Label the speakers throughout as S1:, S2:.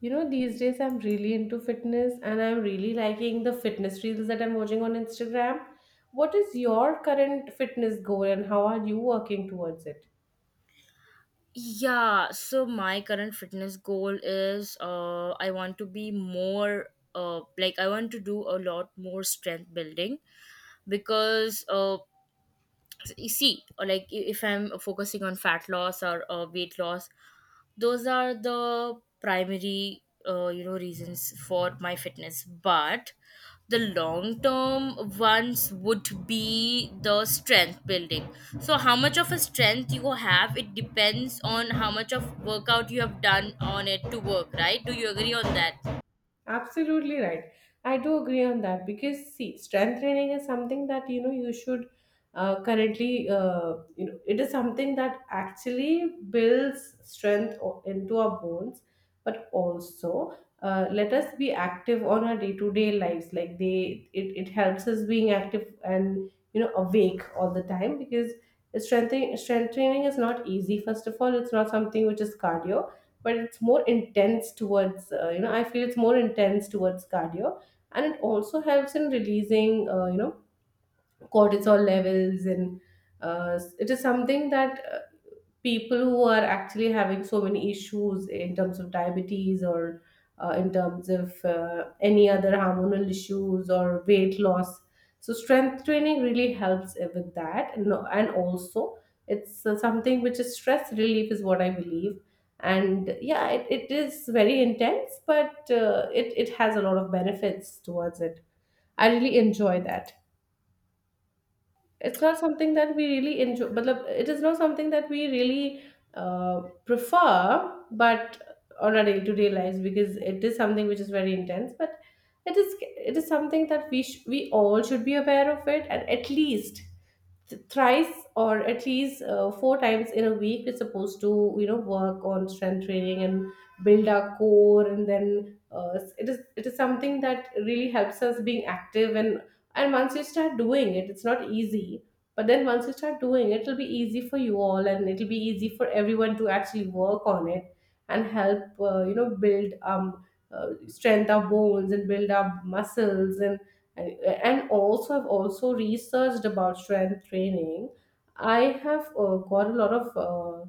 S1: You know, these days I'm really into fitness and I'm really liking the fitness reels that I'm watching on Instagram. What is your current fitness goal and how are you working towards it?
S2: Yeah, so my current fitness goal is I want to be more like I want to do a lot more strength building because you see, or like if I'm focusing on fat loss or weight loss. Those are the primary reasons for my fitness, but the long term ones would be the strength building. So how much of a strength you have, it depends on how much of workout you have done on it to work, right? Do you agree on that?
S1: Absolutely right. I do agree on that because see, strength training is something that you know you should, currently you know it is something that actually builds strength into our bones, but also let us be active on our day to day lives. Like it helps us being active and awake all the time because strength training is not easy. First of all, it's not something which is cardio, but it's more intense towards you know I feel it's more intense towards cardio. And it also helps in releasing, cortisol levels. And it is something that people who are actually having so many issues in terms of diabetes, or in terms of any other hormonal issues or weight loss. So strength training really helps with that, and also it's something which is stress relief, is what I believe. And yeah, it is very intense, but it has a lot of benefits towards it. I really enjoy that. It's not something that we really enjoy, but it is not something that we really, uh, prefer, but on a day-to-day lives, because it is something which is very intense, but it is something that we all should be aware of it, and at least thrice or at least four times in a week we're supposed to work on strength training and build our core. And then it is something that really helps us being active. And once you start doing it, it's not easy, but then once you start doing it, it'll be easy for you all, and it'll be easy for everyone to actually work on it, and help build strength our bones and build our muscles. And and, and also, I've also researched about strength training. I have got a lot of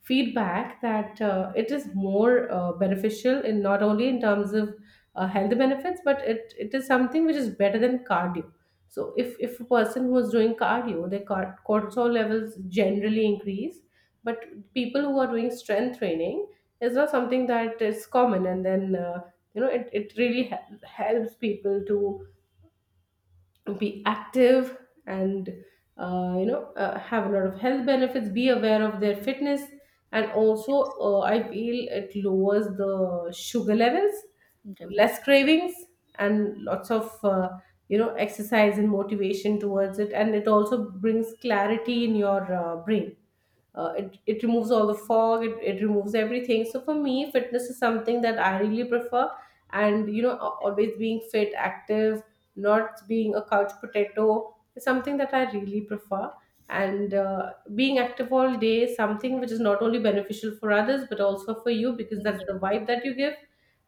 S1: feedback that it is more beneficial, in not only in terms of health benefits, but it is something which is better than cardio. So if a person who is doing cardio, their cortisol levels generally increase, but people who are doing strength training, is not something that is common. And then it really helps people to be active and have a lot of health benefits, be aware of their fitness. And also I feel it lowers the sugar levels,
S2: Definitely.
S1: less cravings, and lots of exercise and motivation towards it. And it also brings clarity in your brain. It removes all the fog, it removes everything. So for me, fitness is something that I really prefer. And you know, always being fit, active, not being a couch potato, is something that I really prefer. And being active all day is something which is not only beneficial for others, but also for you, because that's the
S2: Yeah,
S1: vibe that you give.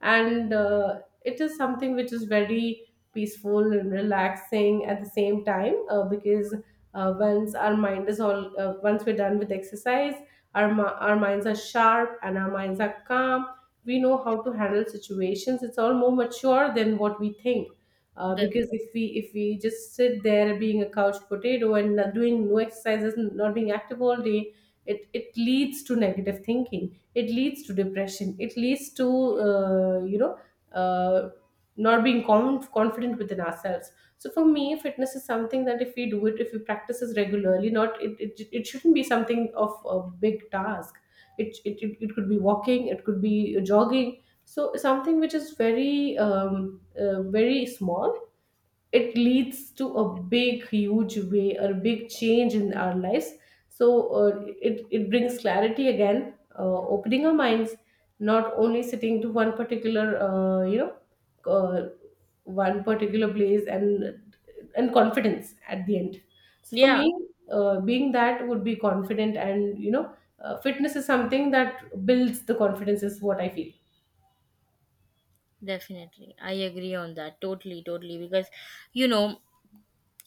S1: And it is something which is very peaceful and relaxing at the same time, because once our mind is all once we're done with exercise, our minds are sharp and our minds are calm. We know how to handle situations. It's all more mature than what we think,
S2: definitely.
S1: because if we just sit there being a couch potato and not doing no exercises, not being active all day, it leads to negative thinking, it leads to depression, it leads to uh, you know uh, not being confident within ourselves. So for me, fitness is something that if we do it, if we practice it regularly, not it shouldn't be something of a big task. It could be walking, it could be jogging. So something which is very very small it leads to a big huge way or a big change in our lives. So it brings clarity again, opening our minds, not only sitting to one particular place, and confidence at the end. So for
S2: Yeah,
S1: me, being that would be confident. And fitness is something that builds the confidence, is what I feel.
S2: definitely, I agree on that, totally, totally, because you know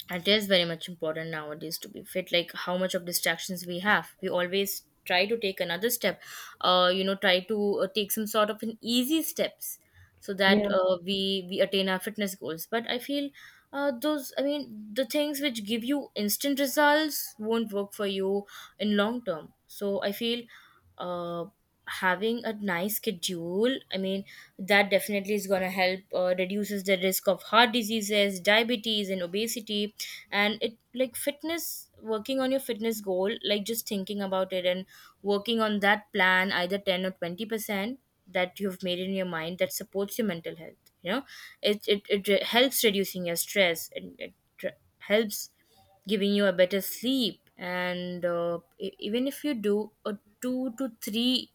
S2: it is very much important nowadays to be fit. Like, how much of distractions we have, we always try to take another step, try to take some sort of an easy steps, so that
S1: Yeah,
S2: we attain our fitness goals. But I feel those, I mean, the things which give you instant results won't work for you in long term. So I feel uh having a nice schedule, I mean, that definitely is going to help, reduces the risk of heart diseases, diabetes and obesity. And it, like fitness, working on your fitness goal, like just thinking about it and working on that plan, either 10 or 20% that you've made in your mind, that supports your mental health. It helps reducing your stress, and it helps giving you a better sleep. And even if you do a two to three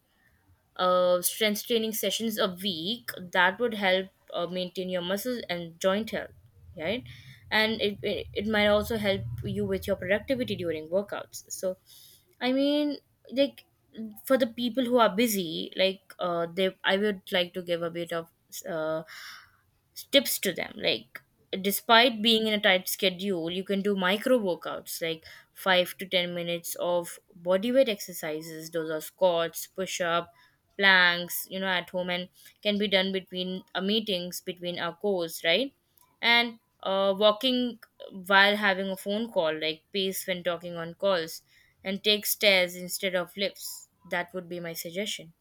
S2: strength training sessions a week, that would help maintain your muscles and joint health, right? And it might also help you with your productivity during workouts. So, I mean, like, for the people who are busy, like they I would like to give a bit of uh, tips to them, like, despite being in a tight schedule, you can do micro workouts like 5 to 10 minutes of bodyweight exercises. Those are squats, push up, planks, you know, at home, and can be done between meetings, between our course, right? And walking while having a phone call, like pace when talking on calls, and take stairs instead of lifts. That would be my suggestion.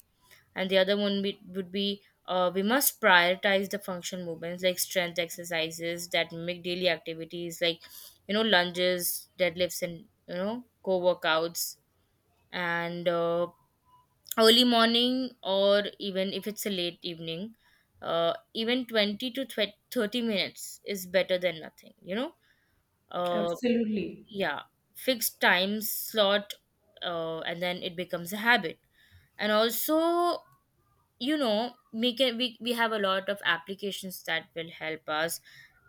S2: And the other one would be, we must prioritize the function movements, like strength exercises that mimic daily activities, like, you know, lunges, deadlifts, and, you know, core workouts. And early morning, or even if it's a late evening, even 20 to 30 minutes is better than nothing, uh,
S1: absolutely.
S2: yeah. Fixed time slot, and then it becomes a habit. And also, you know, we can, we have a lot of applications that will help us.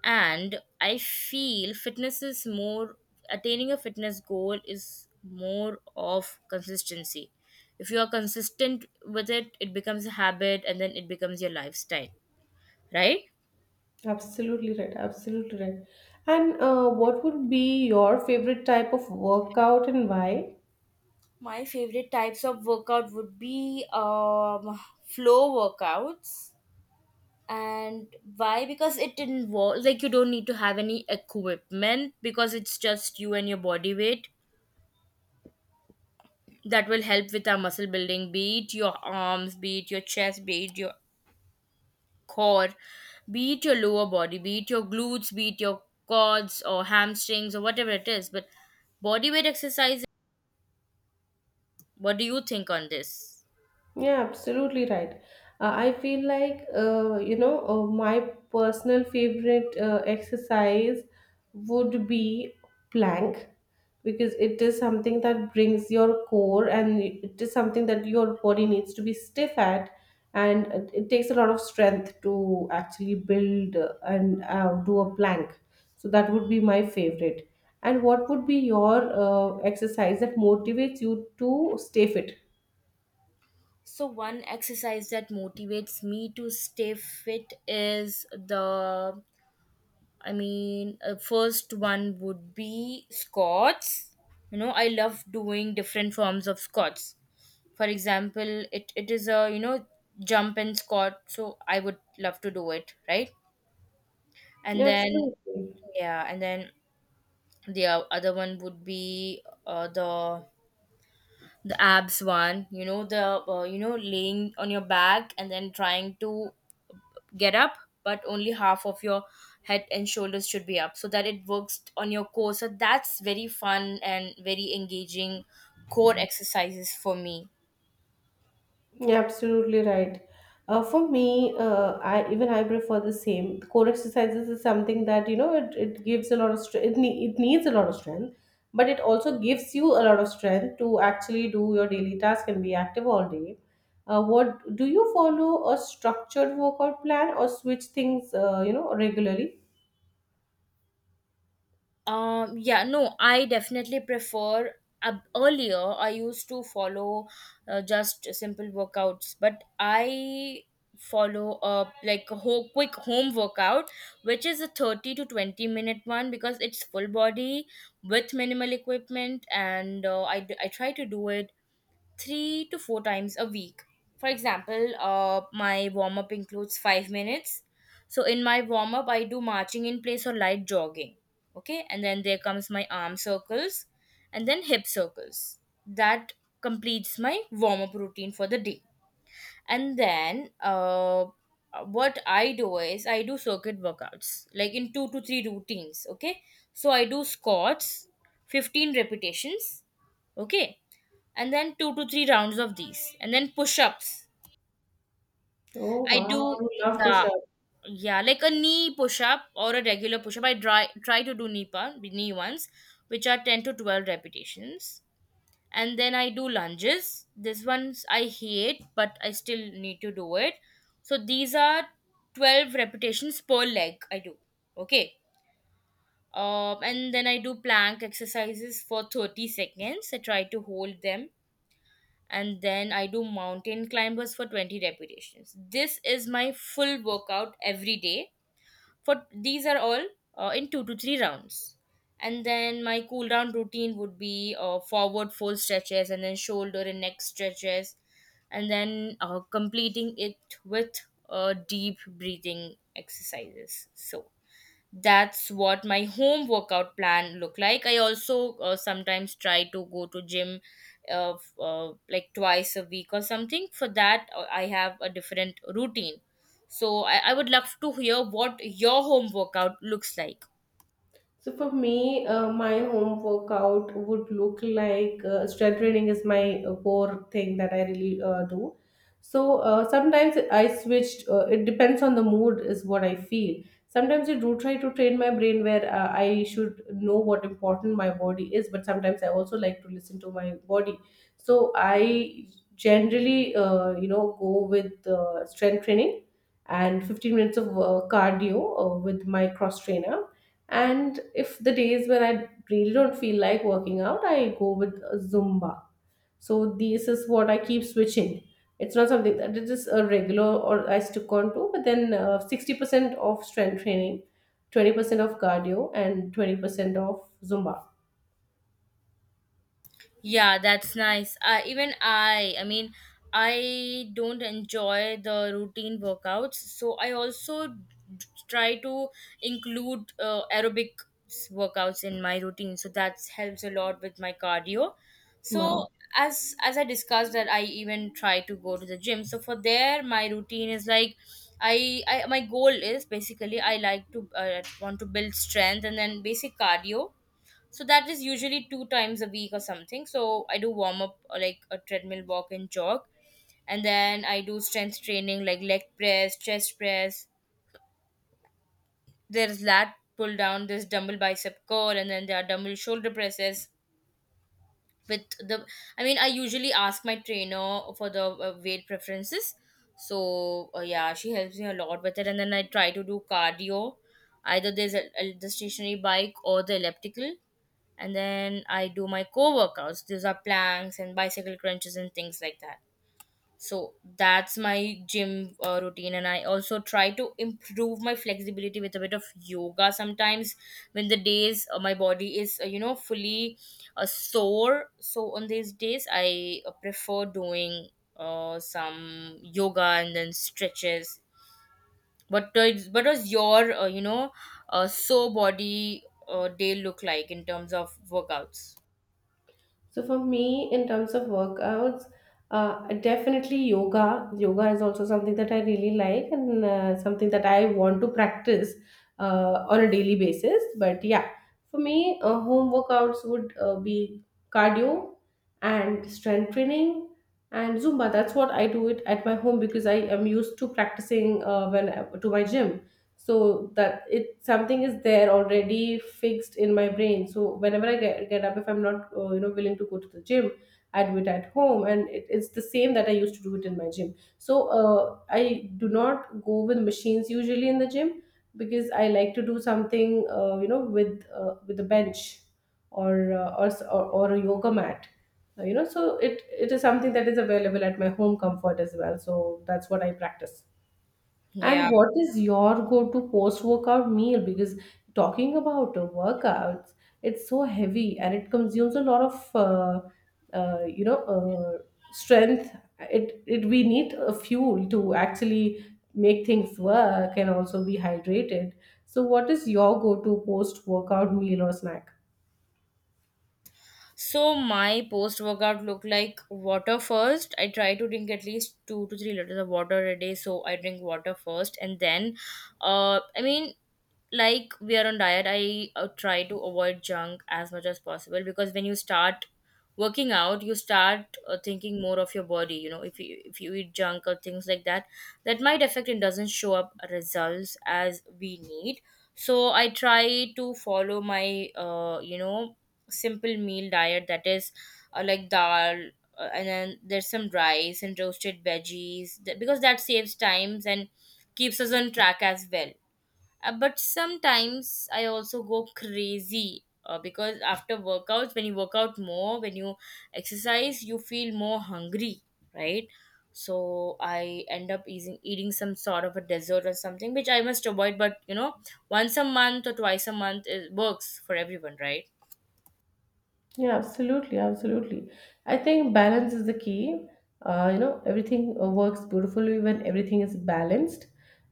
S2: And I feel fitness is more — attaining a fitness goal is more of consistency. If you are consistent with it, it becomes a habit, and then it becomes your lifestyle, right?
S1: Absolutely right. Absolutely right. And what would be your favorite type of workout and why?
S2: My favorite types of workout would be um, flow workouts. And why? Because it involves, like, you don't need to have any equipment because it's just you and your body weight that will help with our muscle building, be it your arms, be it your chest, be it your core, be it your lower body, be it your glutes, be it your quads or hamstrings or whatever it is, but body weight exercise. What do you think on this?
S1: Yeah, absolutely right. I feel like, my personal favorite exercise would be plank, because it is something that brings your core and it is something that your body needs to be stiff at. And it takes a lot of strength to actually build and do a plank. So that would be my favorite. And what would be your exercise that motivates you to stay fit?
S2: So one exercise that motivates me to stay fit is the I mean, first one would be Scots. You know, I love doing different forms of Scots. For example, it is a, you know, jump and Scot, so I would love to do it, right? And
S1: Yeah,
S2: then,
S1: absolutely.
S2: yeah, and then the other one would be, the abs one, you know, the, laying on your back and then trying to get up, but only half of your head and shoulders should be up so that it works on your core. So that's very fun and very engaging core exercises for me.
S1: Yeah, absolutely right. For me, I even I prefer the same. Core exercises is something that it gives a lot of strength. It needs a lot of strength, but it also gives you a lot of strength to actually do your daily task and be active all day. What do you follow a structured workout plan or switch things? Regularly?
S2: Yeah, no, I definitely prefer, earlier I used to follow just simple workouts, but I follow a like a whole quick home workout which is a 30 to 20 minute one because it's full body with minimal equipment, and I try to do it three to four times a week. For example, my warm up includes 5 minutes. So in my warm up, I do marching in place or light jogging. Okay, and then there comes my arm circles and then hip circles. That completes my warm up routine for the day. And then what I do is I do circuit workouts, like, in two to three routines. Okay, so I do squats, 15 repetitions. Okay, and then two to three rounds of these, and then push-ups
S1: Oh
S2: I do.
S1: wow, I love
S2: Yeah,
S1: push-ups.
S2: yeah, like a knee push-up or a regular push-up. I try to do knee knee ones, which are 10 to 12 repetitions. And then I do lunges. This ones I hate, but I still need to do it. So these are 12 repetitions per leg I do. Okay. And then I do plank exercises for 30 seconds. I try to hold them, and then I do mountain climbers for 20 repetitions. This is my full workout every day. For these are all in two to three rounds. And then my cool down routine would be forward fold stretches, and then shoulder and neck stretches, and then completing it with deep breathing exercises. So that's what my home workout plan look like. I also sometimes try to go to gym, like twice a week or something. For that, I have a different routine. So I would love to hear what your home workout looks like.
S1: So for me, my home workout would look like, strength training is my core thing that I really do. So sometimes I switched. It depends on the mood, is what I feel. Sometimes I do try to train my brain where I should know what important my body is, but sometimes I also like to listen to my body. So I generally, go with strength training and 15 minutes of cardio with my cross trainer. And if the days when I really don't feel like working out, I go with Zumba. So this is what I keep switching. It's not something that it is a regular or I stick on to, but then 60% of strength training, 20% of cardio, and 20% of Zumba.
S2: Yeah, that's nice. I mean, I don't enjoy the routine workouts, so I also try to include aerobic workouts in my routine. So that helps a lot with my cardio. So
S1: Wow.
S2: as I discussed that, I even try to go to the gym. So for there, my routine is like — I my goal is basically I like to, want to build strength and then basic cardio. So that is usually two times a week or something. So I do warm up, like a treadmill walk and jog, and then I do strength training like leg press, chest press, there's lat pull down, there's dumbbell bicep curl, and then there are dumbbell shoulder presses with the I mean, I usually ask my trainer for the weight preferences. So yeah, she helps me a lot with it, and then I try to do cardio. Either there's the stationary bike or the elliptical. And then I do my core workouts. These are planks and bicycle crunches and things like that. So that's my gym routine, and I also try to improve my flexibility with a bit of yoga sometimes, when the days my body is fully sore. So on these days, I prefer doing some yoga and then stretches. But what does your sore body day look like in terms of workouts?
S1: So for me, in terms of workouts, definitely yoga. Yoga is also something that I really like and something that I want to practice on a daily basis. But yeah, for me, home workouts would be cardio and strength training and Zumba. That's what I do it at my home, because I am used to practicing, when, to my gym, so that it something is there already fixed in my brain. So whenever I get up, if I'm not willing to go to the gym, I do it at home, and it's the same that I used to do it in my gym. So I do not go with machines usually in the gym, because I like to do something with with a bench, or s- or a yoga mat. So it is something that is available at my home comfort as well. So that's what I practice.
S2: Yeah.
S1: And what is your go-to post-workout meal? Because talking about workouts, it's so heavy, and it consumes a lot of, uh, you know, uh, strength. It we need a fuel to actually make things work and also be hydrated. So, what is your go-to post-workout meal or snack?
S2: So my post workout look like water first. I try to drink at least 2 to 3 liters of water a day. So I drink water first, and then, I mean, like we are on diet. I try to avoid junk as much as possible, because when you start working out, you start thinking more of your body. You know, if you eat junk or things like that, that might affect and doesn't show up results as we need. So I try to follow my simple meal diet, that is, like dal, and then there's some rice and roasted veggies because that saves times and keeps us on track as well. But sometimes I also go crazy, because after workouts, when you work out more, when you exercise, you feel more hungry, right? So I end up eating some sort of a dessert or something, which I must avoid. But, you know, once a month or twice a month, it works for everyone, right?
S1: Yeah, absolutely, absolutely. I think balance is the key. Everything works beautifully when everything is balanced.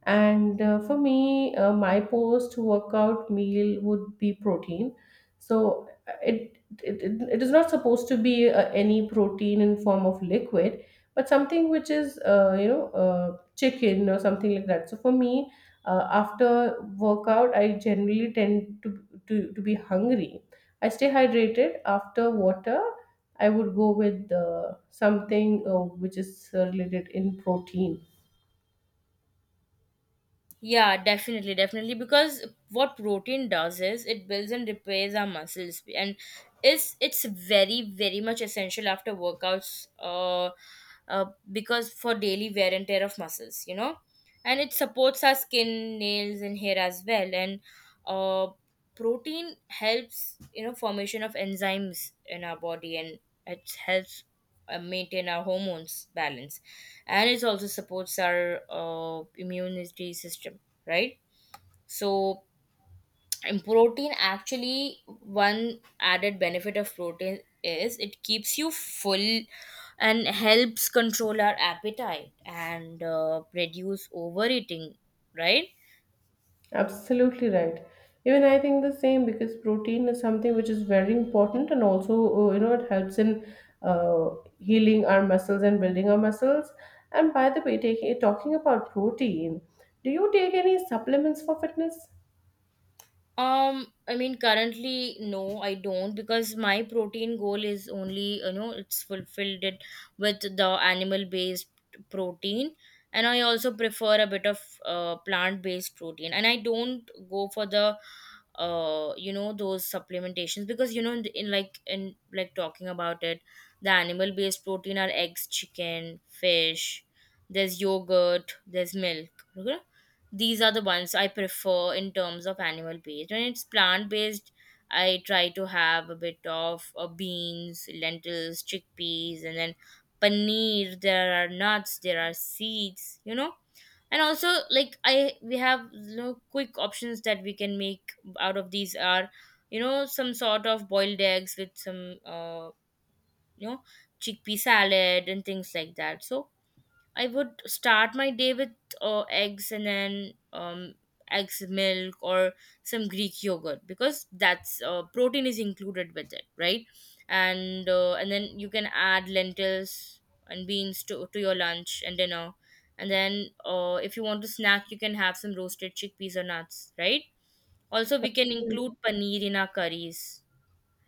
S1: And for me, my post-workout meal would be protein. So it is not supposed to be any protein in form of liquid, but something which is chicken or something like that. So for me, after workout, I generally tend to, to be hungry. I stay hydrated. After water, I would go with something, which is related in protein.
S2: Yeah, definitely, definitely. Because what protein does is it builds and repairs our muscles, and it's very, very much essential after workouts. Uh, because for daily wear and tear of muscles, you know, and it supports our skin, nails, and hair as well. And uh, protein helps formation of enzymes in our body, and it helps maintain our hormones balance, and it also supports our immunity system, right? So in protein, actually, one added benefit of protein is it keeps you full and helps control our appetite and reduce overeating, right?
S1: Absolutely right. Even I think the same, because protein is something which is very important, and also it helps in uh, healing our muscles and building our muscles. And by the way, taking talking about protein, do you take any supplements for fitness?
S2: I mean, currently, no, I don't, because my protein goal is only, you know, it's fulfilled it with the animal based protein. And I also prefer a bit of plant based protein. And I don't go for the you know those supplementations, because you know in like talking about it, the animal based protein are eggs, chicken, fish, there's yogurt, there's milk, okay? These are the ones I prefer in terms of animal based. When it's plant based, I try to have a bit of beans, lentils, chickpeas, and then paneer, there are nuts, there are seeds, you know. And also, like, I we have, you know, quick options that we can make out of these are, you know, some sort of boiled eggs with some you know chickpea salad and things like that. So I would start my day with eggs, and then eggs, milk, or some Greek yogurt, because that's protein is included with it, right? And then you can add lentils and beans to your lunch and dinner. And then if you want to snack, you can have some roasted chickpeas or nuts, right? Also, we can
S1: Absolutely.
S2: include paneer in our curries,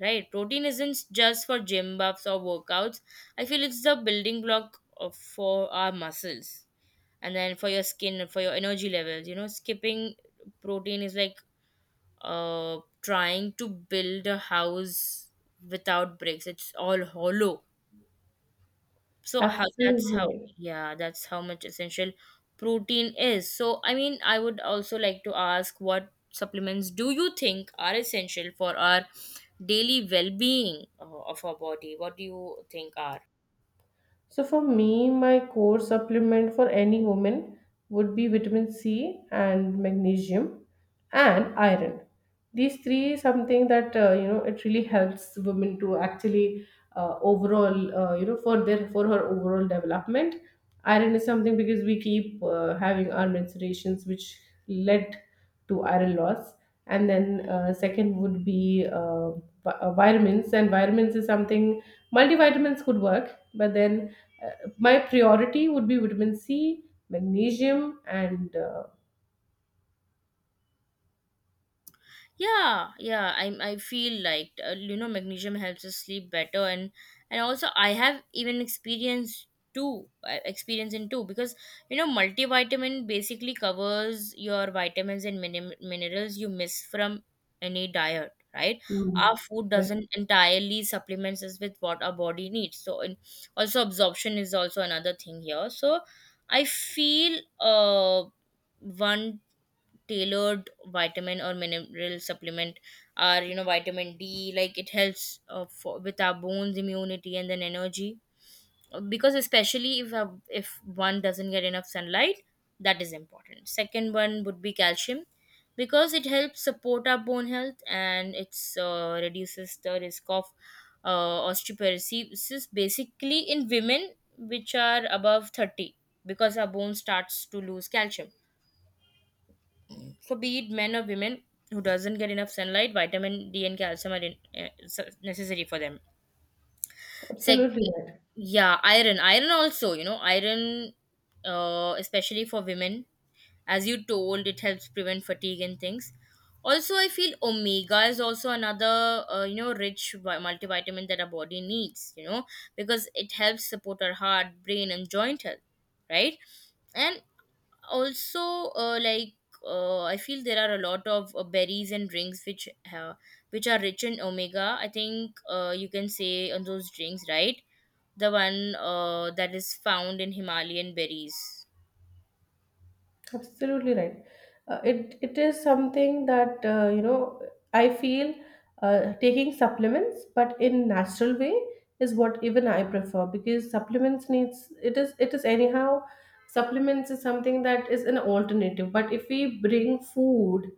S2: right? Protein isn't just for gym buffs or workouts. I feel it's the building block of, for our muscles, and then for your skin, for your energy levels, you know. Skipping protein is like trying to build a house without bricks, it's all hollow. So how, that's how,
S1: Absolutely.
S2: yeah, that's how much essential protein is. So I mean, I would also like to ask, what supplements do you think are essential for our daily well-being, of our body? What do you think are?
S1: So for me, my core supplement for any woman would be vitamin C and magnesium and iron. These three is something that it really helps women to actually overall, for her overall development. Iron is something, because we keep having our menstruations, which led to iron loss. And then second would be vitamins, and vitamins is something multivitamins could work, but then uh, my priority would be vitamin C, magnesium, and
S2: Yeah, yeah. I feel like, you know, magnesium helps us sleep better, and also I have even experienced two, experience in two, because you know multivitamin basically covers your vitamins and minerals you miss from any diet. Right,
S1: mm,
S2: our food
S1: yes,
S2: doesn't entirely supplements us with what our body needs. So, and also absorption is also another thing here. So, I feel one tailored vitamin or mineral supplement are, you know, vitamin D, like it helps for, with our bones, immunity, and then energy. Because especially if one doesn't get enough sunlight, that is important. Second one would be calcium, because it helps support our bone health, and it's reduces the risk of osteoporosis, basically, in women which are above 30, because our bone starts to lose calcium. So be it men or women who doesn't get enough sunlight, vitamin D and calcium are necessary for them. Second,
S1: absolutely right.
S2: yeah, iron. Iron also, you know, iron, especially for women, as you told, it helps prevent fatigue and things. Also, I feel omega is also another, you know, rich multivitamin that our body needs, you know, because it helps support our heart, brain, and joint health, right? And also like, I feel there are a lot of berries and drinks which have, which are rich in omega. I think, you can say on those drinks, right? The one that is found in Himalayan berries.
S1: Absolutely right. It is something that I feel taking supplements, but in natural way is what even I prefer because supplements needs it is anyhow supplements is something that is an alternative. But if we bring food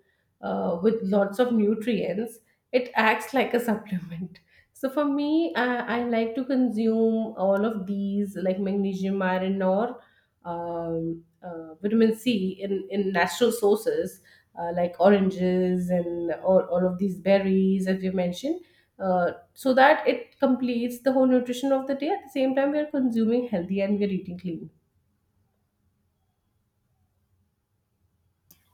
S1: with lots of nutrients, it acts like a supplement. So for me, I like to consume all of these like magnesium, iron, or um, vitamin C in natural sources like oranges and all of these berries, as you mentioned, so that it completes the whole nutrition of the day. At the same time, we are consuming healthy and we are eating clean.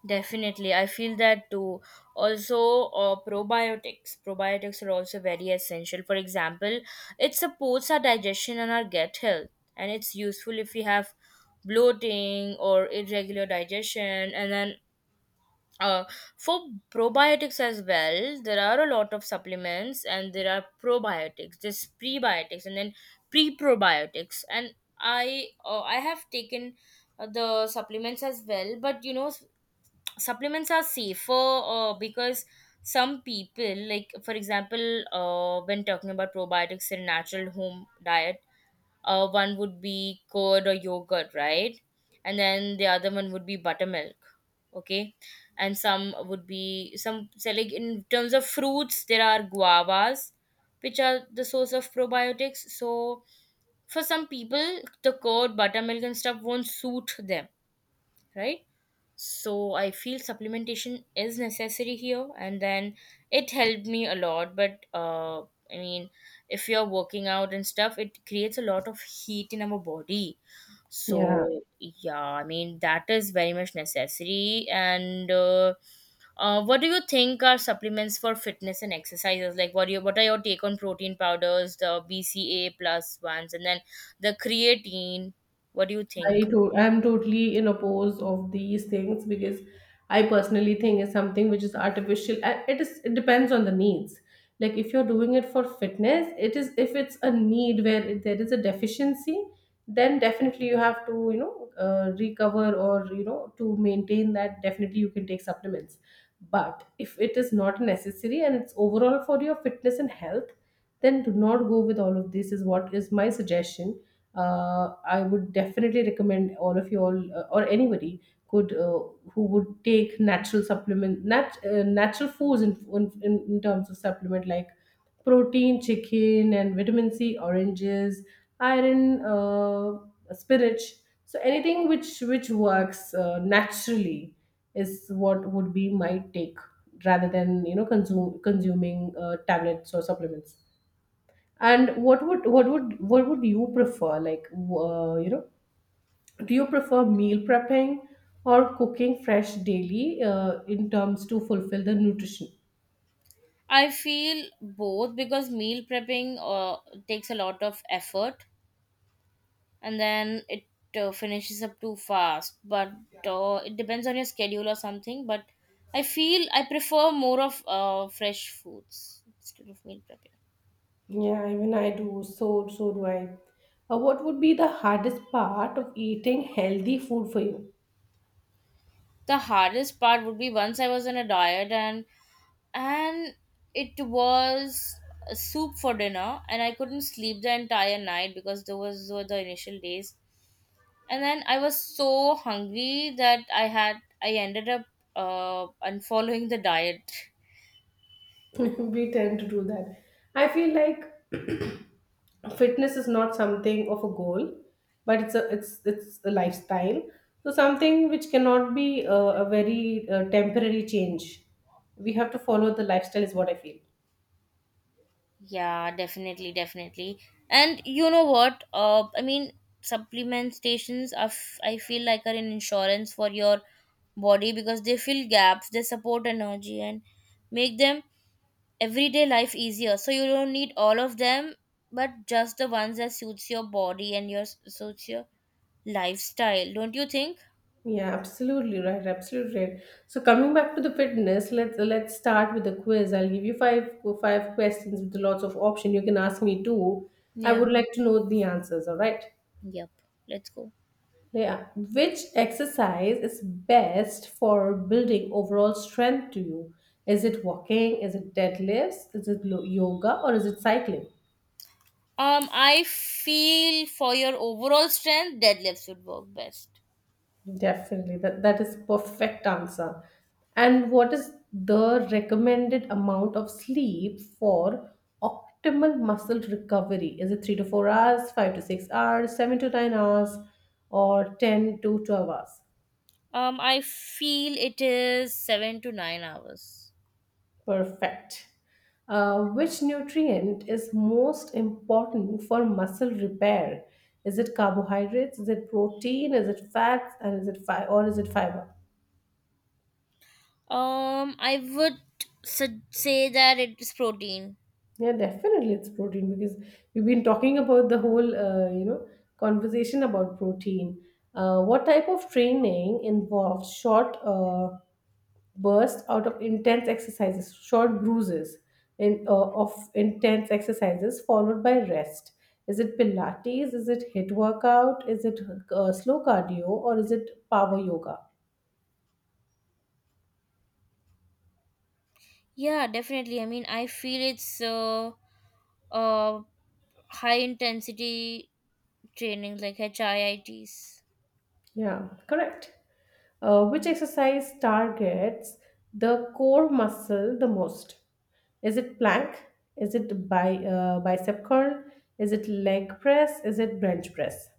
S2: Definitely, I feel that too. Also, probiotics, probiotics are also very essential. For example, it supports our digestion and our gut health, and it's useful if we have bloating or irregular digestion. And then, uh, for probiotics as well, there are a lot of supplements, and there are probiotics, there's prebiotics, and then pre-probiotics. And I have taken the supplements as well, but you know, supplements are safer, because some people, like, for example, when talking about probiotics in natural home diet, one would be curd or yogurt, right? And then the other one would be buttermilk. Okay. And some would be some, so like in terms of fruits, there are guavas, which are the source of probiotics. So for some people, the curd, buttermilk, and stuff won't suit them, right? So I feel supplementation is necessary here, and then it helped me a lot. But I mean, if you're working out and stuff, it creates a lot of heat in our body.
S1: Yeah.
S2: So yeah, I mean, that is very much necessary. And what do you think are supplements for fitness and exercises? Like, what do you, what are your take on protein powders, the BCA plus ones, and then the creatine? What do you think?
S1: I'm totally in oppose of these things because I personally think it's something which is artificial. And it is it depends on the needs. Like if you're doing it for fitness, it is if it's a need where there is a deficiency, then definitely you have to you know recover or you know to maintain that. Definitely you can take supplements. But if it is not necessary and it's overall for your fitness and health, then do not go with all of this. Is what is my suggestion. I would definitely recommend all of you all or anybody could who would take natural supplement natural foods in terms of supplement like protein, chicken, and vitamin C, oranges, iron, spinach. So anything which works naturally is what would be my take rather than you know consume consuming tablets or supplements. And what would you prefer? Like, do you prefer meal prepping or cooking fresh daily in terms to fulfill the nutrition?
S2: I feel both, because meal prepping takes a lot of effort, and then it finishes up too fast. But it depends on your schedule or something. But I feel I prefer more of fresh foods instead of meal prepping.
S1: Yeah, even I do. So, so do I. What would be the hardest part of eating healthy food for you?
S2: The hardest part would be, once I was on a diet, and it was a soup for dinner, and I couldn't sleep the entire night, because those were the initial days. And then I was so hungry that I ended up unfollowing the diet.
S1: We tend to do that. I feel like fitness is not something of a goal, but it's a it's it's a lifestyle, so something which cannot be a very temporary change. We have to follow the lifestyle is what I feel.
S2: Yeah, definitely, definitely. And you know what, I mean, supplement stations are I feel like are an insurance for your body, because they fill gaps, they support energy, and make them everyday life easier. So you don't need all of them, but just the ones that suits your body and your, suits your lifestyle, don't you think?
S1: Yeah, absolutely right, absolutely right. So coming back to the fitness, let's start with the quiz. I'll give you five questions with lots of option. You can ask me too. I
S2: Yeah.
S1: would like to know the answers. All right.
S2: Yep, let's go.
S1: Yeah. Which exercise is best for building overall strength to you? Is it walking? Is it deadlifts? Is it yoga or is it cycling?
S2: I feel for your overall strength, deadlifts would work best.
S1: Definitely. That that is perfect answer. And what is the recommended amount of sleep for optimal muscle recovery? Is it 3 to 4 hours, 5 to 6 hours, 7 to 9 hours or 10 to 12 hours?
S2: I feel it is 7 to 9 hours.
S1: Perfect. Which nutrient is most important for muscle repair? Is it carbohydrates? Is it protein? Is it fats? And is it fiber?
S2: I would say that it is protein.
S1: Yeah, definitely it's protein because we've been talking about the whole conversation about protein. What type of training involves short? Bursts out of intense exercises, short bruises in, of intense exercises followed by rest. Is it Pilates? Is it HIIT workout? Is it slow cardio or is it power yoga?
S2: Yeah, definitely. I mean, I feel it's uh high intensity training like HIITs.
S1: Yeah, correct. Which exercise targets the core muscle the most? Is it plank? Is it bicep curl? Is it leg press? Is it bench press?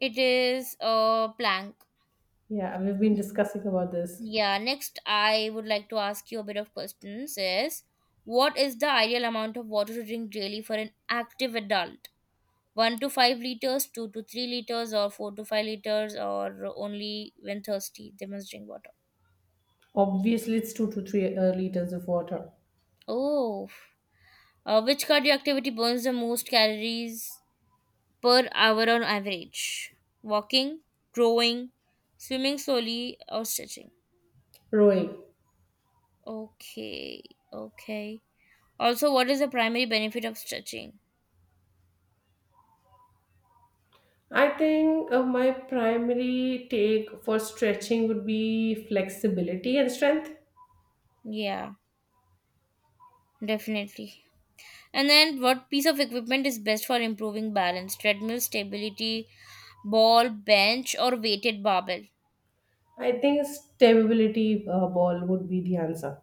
S2: It is plank.
S1: Yeah, we've been discussing about this.
S2: Yeah, next I would like to ask you a bit of questions is, what is the ideal amount of water to drink daily for an active adult? 1 to 5 liters, 2 to 3 liters, or 4 to 5 liters, or only when thirsty they must drink water.
S1: Obviously, it's two to three liters of water.
S2: Oh, which cardio activity burns the most calories per hour on average? Walking, rowing, swimming slowly, or stretching.
S1: Rowing.
S2: Okay, okay. Also, what is the primary benefit of stretching?
S1: I think my primary take for stretching would be flexibility and strength.
S2: Yeah. Definitely. And then, what piece of equipment is best for improving balance? Treadmill, stability ball, bench, or weighted barbell?
S1: I think stability ball would be the answer.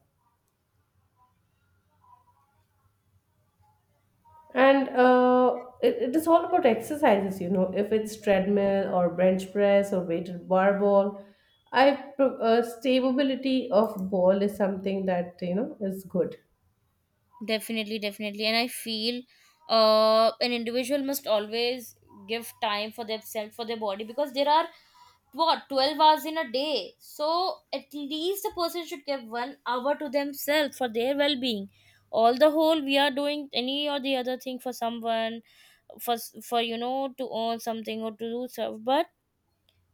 S1: And it is all about exercises, you know, if it's treadmill or bench press or weighted bar ball, stability of ball is something that you know is good.
S2: Definitely, definitely. And I feel an individual must always give time for themselves, for their body, because there are, what, 12 hours in a day. So, at least a person should give 1 hour to themselves for their well being. All the whole, we are doing any or the other thing for someone, for, you know, to earn something or to do stuff, but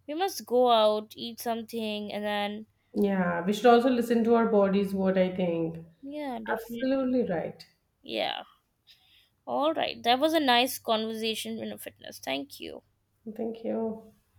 S2: we must go out, eat something, and then,
S1: Yeah, we should also listen to our bodies, what I think.
S2: yeah, definitely.
S1: Absolutely right.
S2: Yeah. All right. That was a nice conversation in a fitness. Thank you.
S1: Thank you.